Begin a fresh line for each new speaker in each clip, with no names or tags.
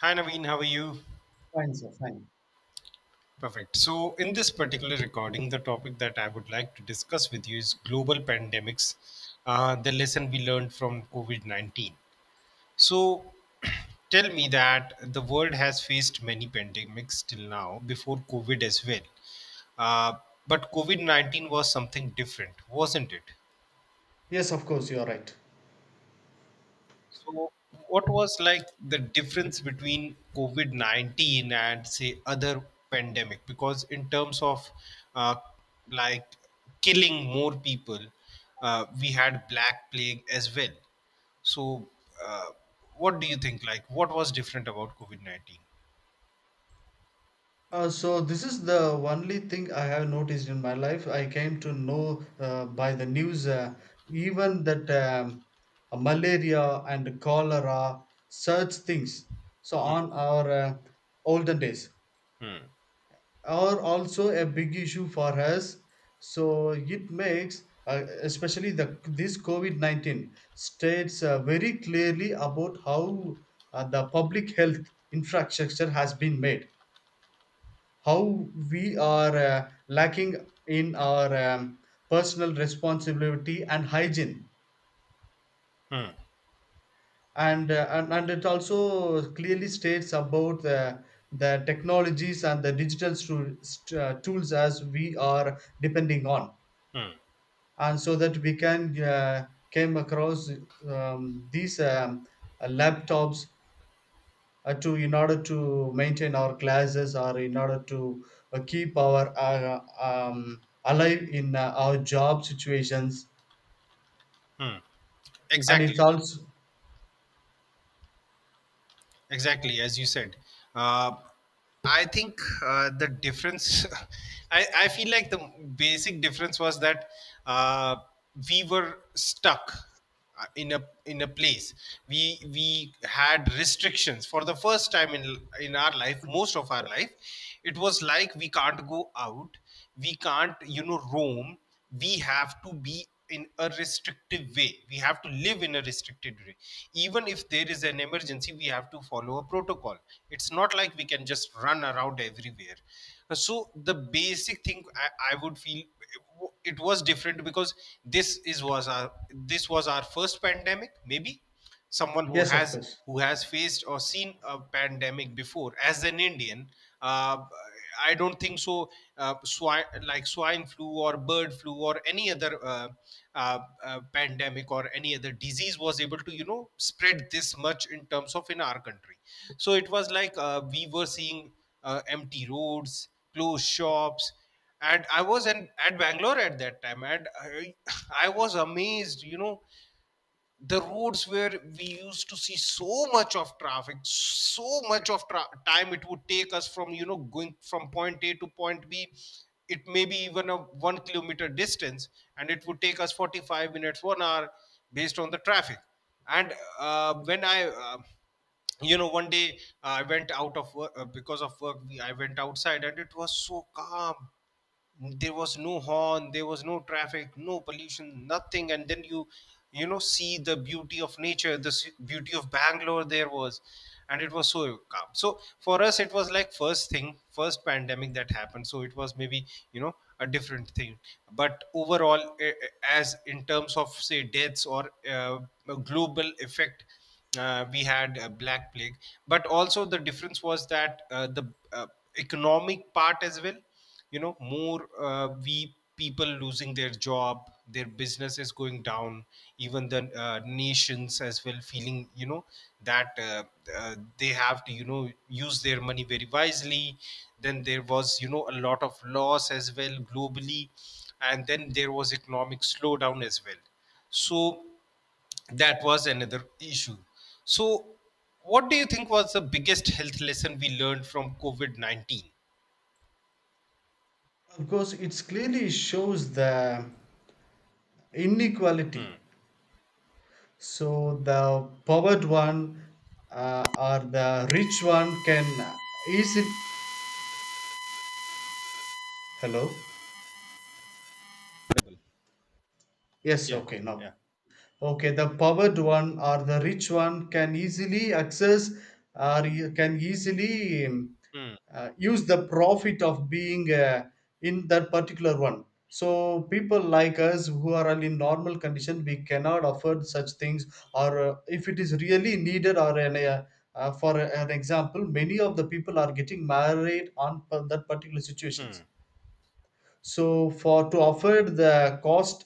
Hi Naveen, how are you?
Fine, sir, fine.
Perfect. So, in this particular recording, the topic that I would like to discuss with you is global pandemics, the lesson we learned from COVID 19. So, tell me that the world has faced many pandemics till now, before COVID as well. Uh, but COVID 19 was something different, wasn't it?
Yes, of course, you are right.
So, what was like the difference between COVID 19 and say other pandemic? Because, in terms of uh, like killing more people, we had Black Plague as well. So, uh, what do you think? Like, what was different about COVID 19?
So this is the only thing I have noticed in my life. I came to know by the news. Even that malaria and cholera, such things. So on our olden days,
Hmm.
are also a big issue for us. So it makes, especially the this COVID-19, states very clearly about how the public health infrastructure has been made, how we are lacking in our personal responsibility and hygiene.
Hmm.
And it also clearly states about the technologies and the digital tools as we are depending on,
Hmm.
and so that we can came across these laptops to in order to maintain our classes, or in order to keep our alive in our job situations,
Hmm.
and
Exactly.
it's also
Exactly, as you said. Uh, I think the difference, I feel like the basic difference was that uh, we were stuck in a place. We had restrictions for the first time in our life, most of our life. It was like we can't go out, we can't roam. We have to be in a restrictive way, we have to live in a restricted way. Even if there is an emergency, we have to follow a protocol. It's not like we can just run around everywhere. So the basic thing I would feel it was different, because this is was our this was our first pandemic, maybe. Someone who
yes, of
has
course.
faced or seen a pandemic before as an Indian. uh, I don't think so. Swine, like swine flu or bird flu or any other pandemic or any other disease was able to spread this much in terms of in our country. So it was like we were seeing empty roads, closed shops. And I was at Bangalore at that time, and I was amazed. The roads where we used to see so much of traffic, so much of time it would take us from going from point a to point b. It may be even a 1 km distance, and it would take us 45 minutes, 1 hour, based on the traffic. And when I one day I went out of work, because of work I went outside, and it was so calm. There was no horn, there was no traffic, no pollution, nothing. And then you know see the beauty of nature, the beauty of Bangalore. There was, and it was so calm. So for us it was like first thing, first pandemic that happened. So it was maybe, you know a different thing. But overall, as in terms of, say, deaths, or a global effect, we had Black Plague. But also the difference was that the uh, economic part as well. More, we people losing their job, their business is going down. Even the nations as well feeling, that they have to, use their money very wisely. Then there was, a lot of loss as well globally. And then there was economic slowdown as well. So that was another issue. So what do you think was the biggest health lesson we learned from COVID-19?
Of course, it clearly shows the inequality. So the powered one, or the rich one can easily... Hello. Yes,
Yeah,
okay, now.
yeah.
Okay, the powered one or the rich one can easily access, or you can easily
Hmm.
use the profit of being in that particular one. So people like us who are in normal condition, we cannot afford such things. Or if it is really needed, or an, for an example, many of the people are getting married on that particular
Hmm.
situations, so for to afford the cost.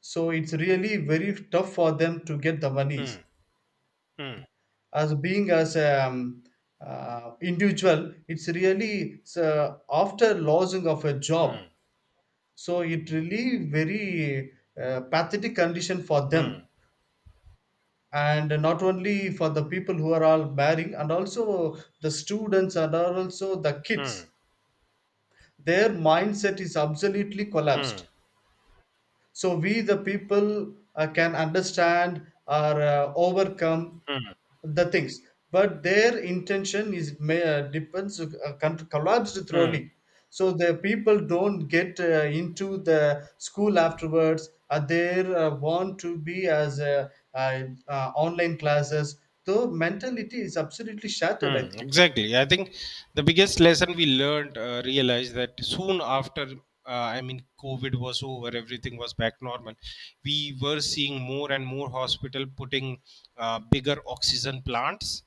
So it's really very tough for them to get the monies,
Hmm. Hmm.
as being as individual, it's really it's, after losing of a job.
Hmm.
So it really very pathetic condition for them, and not only for the people who are all marrying, and also the students, and are also the
Hmm.
kids, their mindset is absolutely collapsed. So we the people can understand or overcome the things, but their intention is may, depends collapsed
Mm,
thoroughly. So the people don't get into the school afterwards, they want to be as uh, online classes, the mentality is absolutely shattered, I
mm.
think.
Exactly. I think the biggest lesson we learned, realized that soon after, I mean, COVID was over, everything was back normal. We were seeing more and more hospital putting bigger oxygen plants,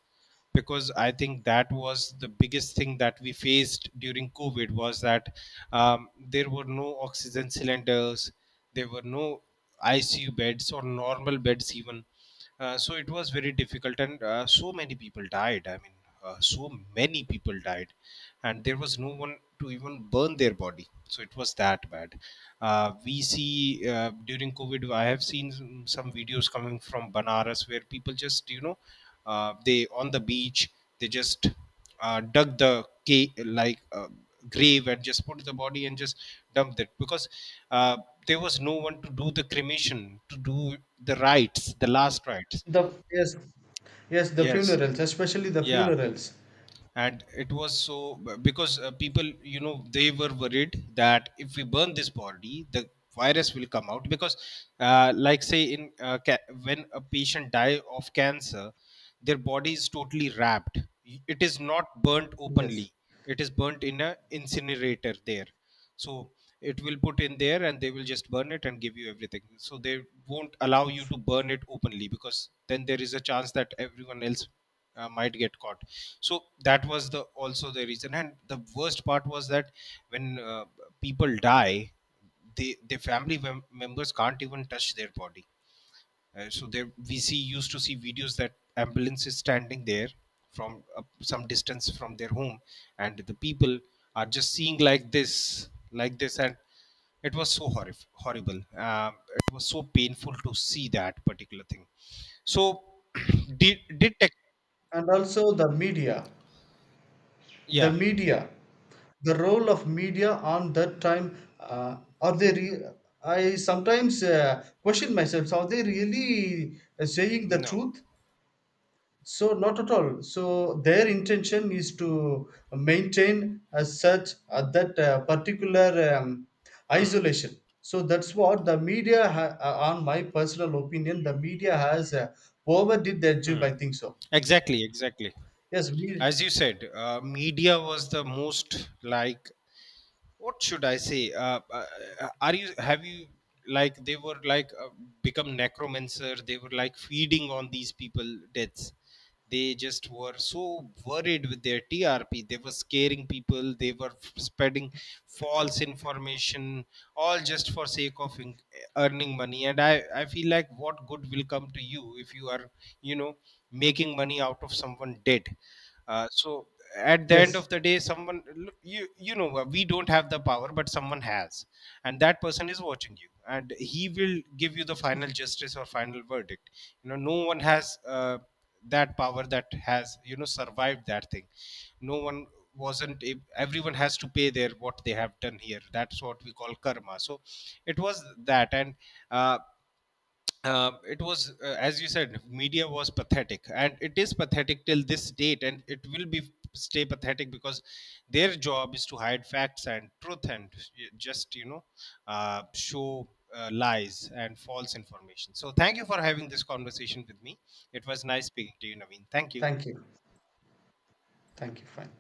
because I think that was the biggest thing that we faced during COVID, was that there were no oxygen cylinders, there were no ICU beds or normal beds even. So it was very difficult, and so many people died. I mean, so many people died, and there was no one to even burn their body. So it was that bad. We see During COVID, I have seen some videos coming from Banaras where people just, they on the beach, they just dug the cave, like grave and just put the body and just dumped it, because uh, there was no one to do the cremation, to do the rites, the last rites.
The Yes, yes, the
Yes.
funerals, especially the
Yeah.
funerals.
And it was so, because people they were worried that if we burn this body, the virus will come out. Because like, say in when a patient die of cancer, their body is totally wrapped. It is not burnt openly,
Yes.
it is burnt in a incinerator there. So it will put in there, and they will just burn it and give you everything. So they won't allow you to burn it openly, because then there is a chance that everyone else might get caught. So that was the also the reason. And the worst part was that when people die, they their family members can't even touch their body. So there we see used to see videos that ambulance is standing there from some distance from their home, and the people are just seeing like this, like this. And it was so horrible. um, it was so painful to see that particular thing. So did tech
And also the media, the
yeah.
media, the role of media on that time, I sometimes question myself, so are they really saying the
No.
truth? So, not at all. So their intention is to maintain as such, that particular um,
Hmm.
isolation. So that's what the media on my personal opinion, the media has overdid their job,
Hmm.
I think so.
Exactly. Exactly.
Yes, we
As you said, media was the most, like, what should I say? Are you have you like they were like become necromancer? They were like feeding on these people deaths. They just were so worried with their TRP. They were scaring people. They were spreading false information, all just for sake of earning money. And I feel like what good will come to you if you are, you know, making money out of someone dead. So at the end
yes,
of the day, someone, look, we don't have the power, but someone has. And that person is watching you, and he will give you the final justice or final verdict. No one has that power that has survived that thing. No one. Wasn't ab- Everyone has to pay their what they have done here, that's what we call karma. So it was that. And uh, it was, as you said, media was pathetic, and it is pathetic till this date, and it will be stay pathetic because their job is to hide facts and truth and just show lies and false information. So thank you for having this conversation with me. It was nice speaking to you, Naveen. Thank you.
thank you, thank you. Fine.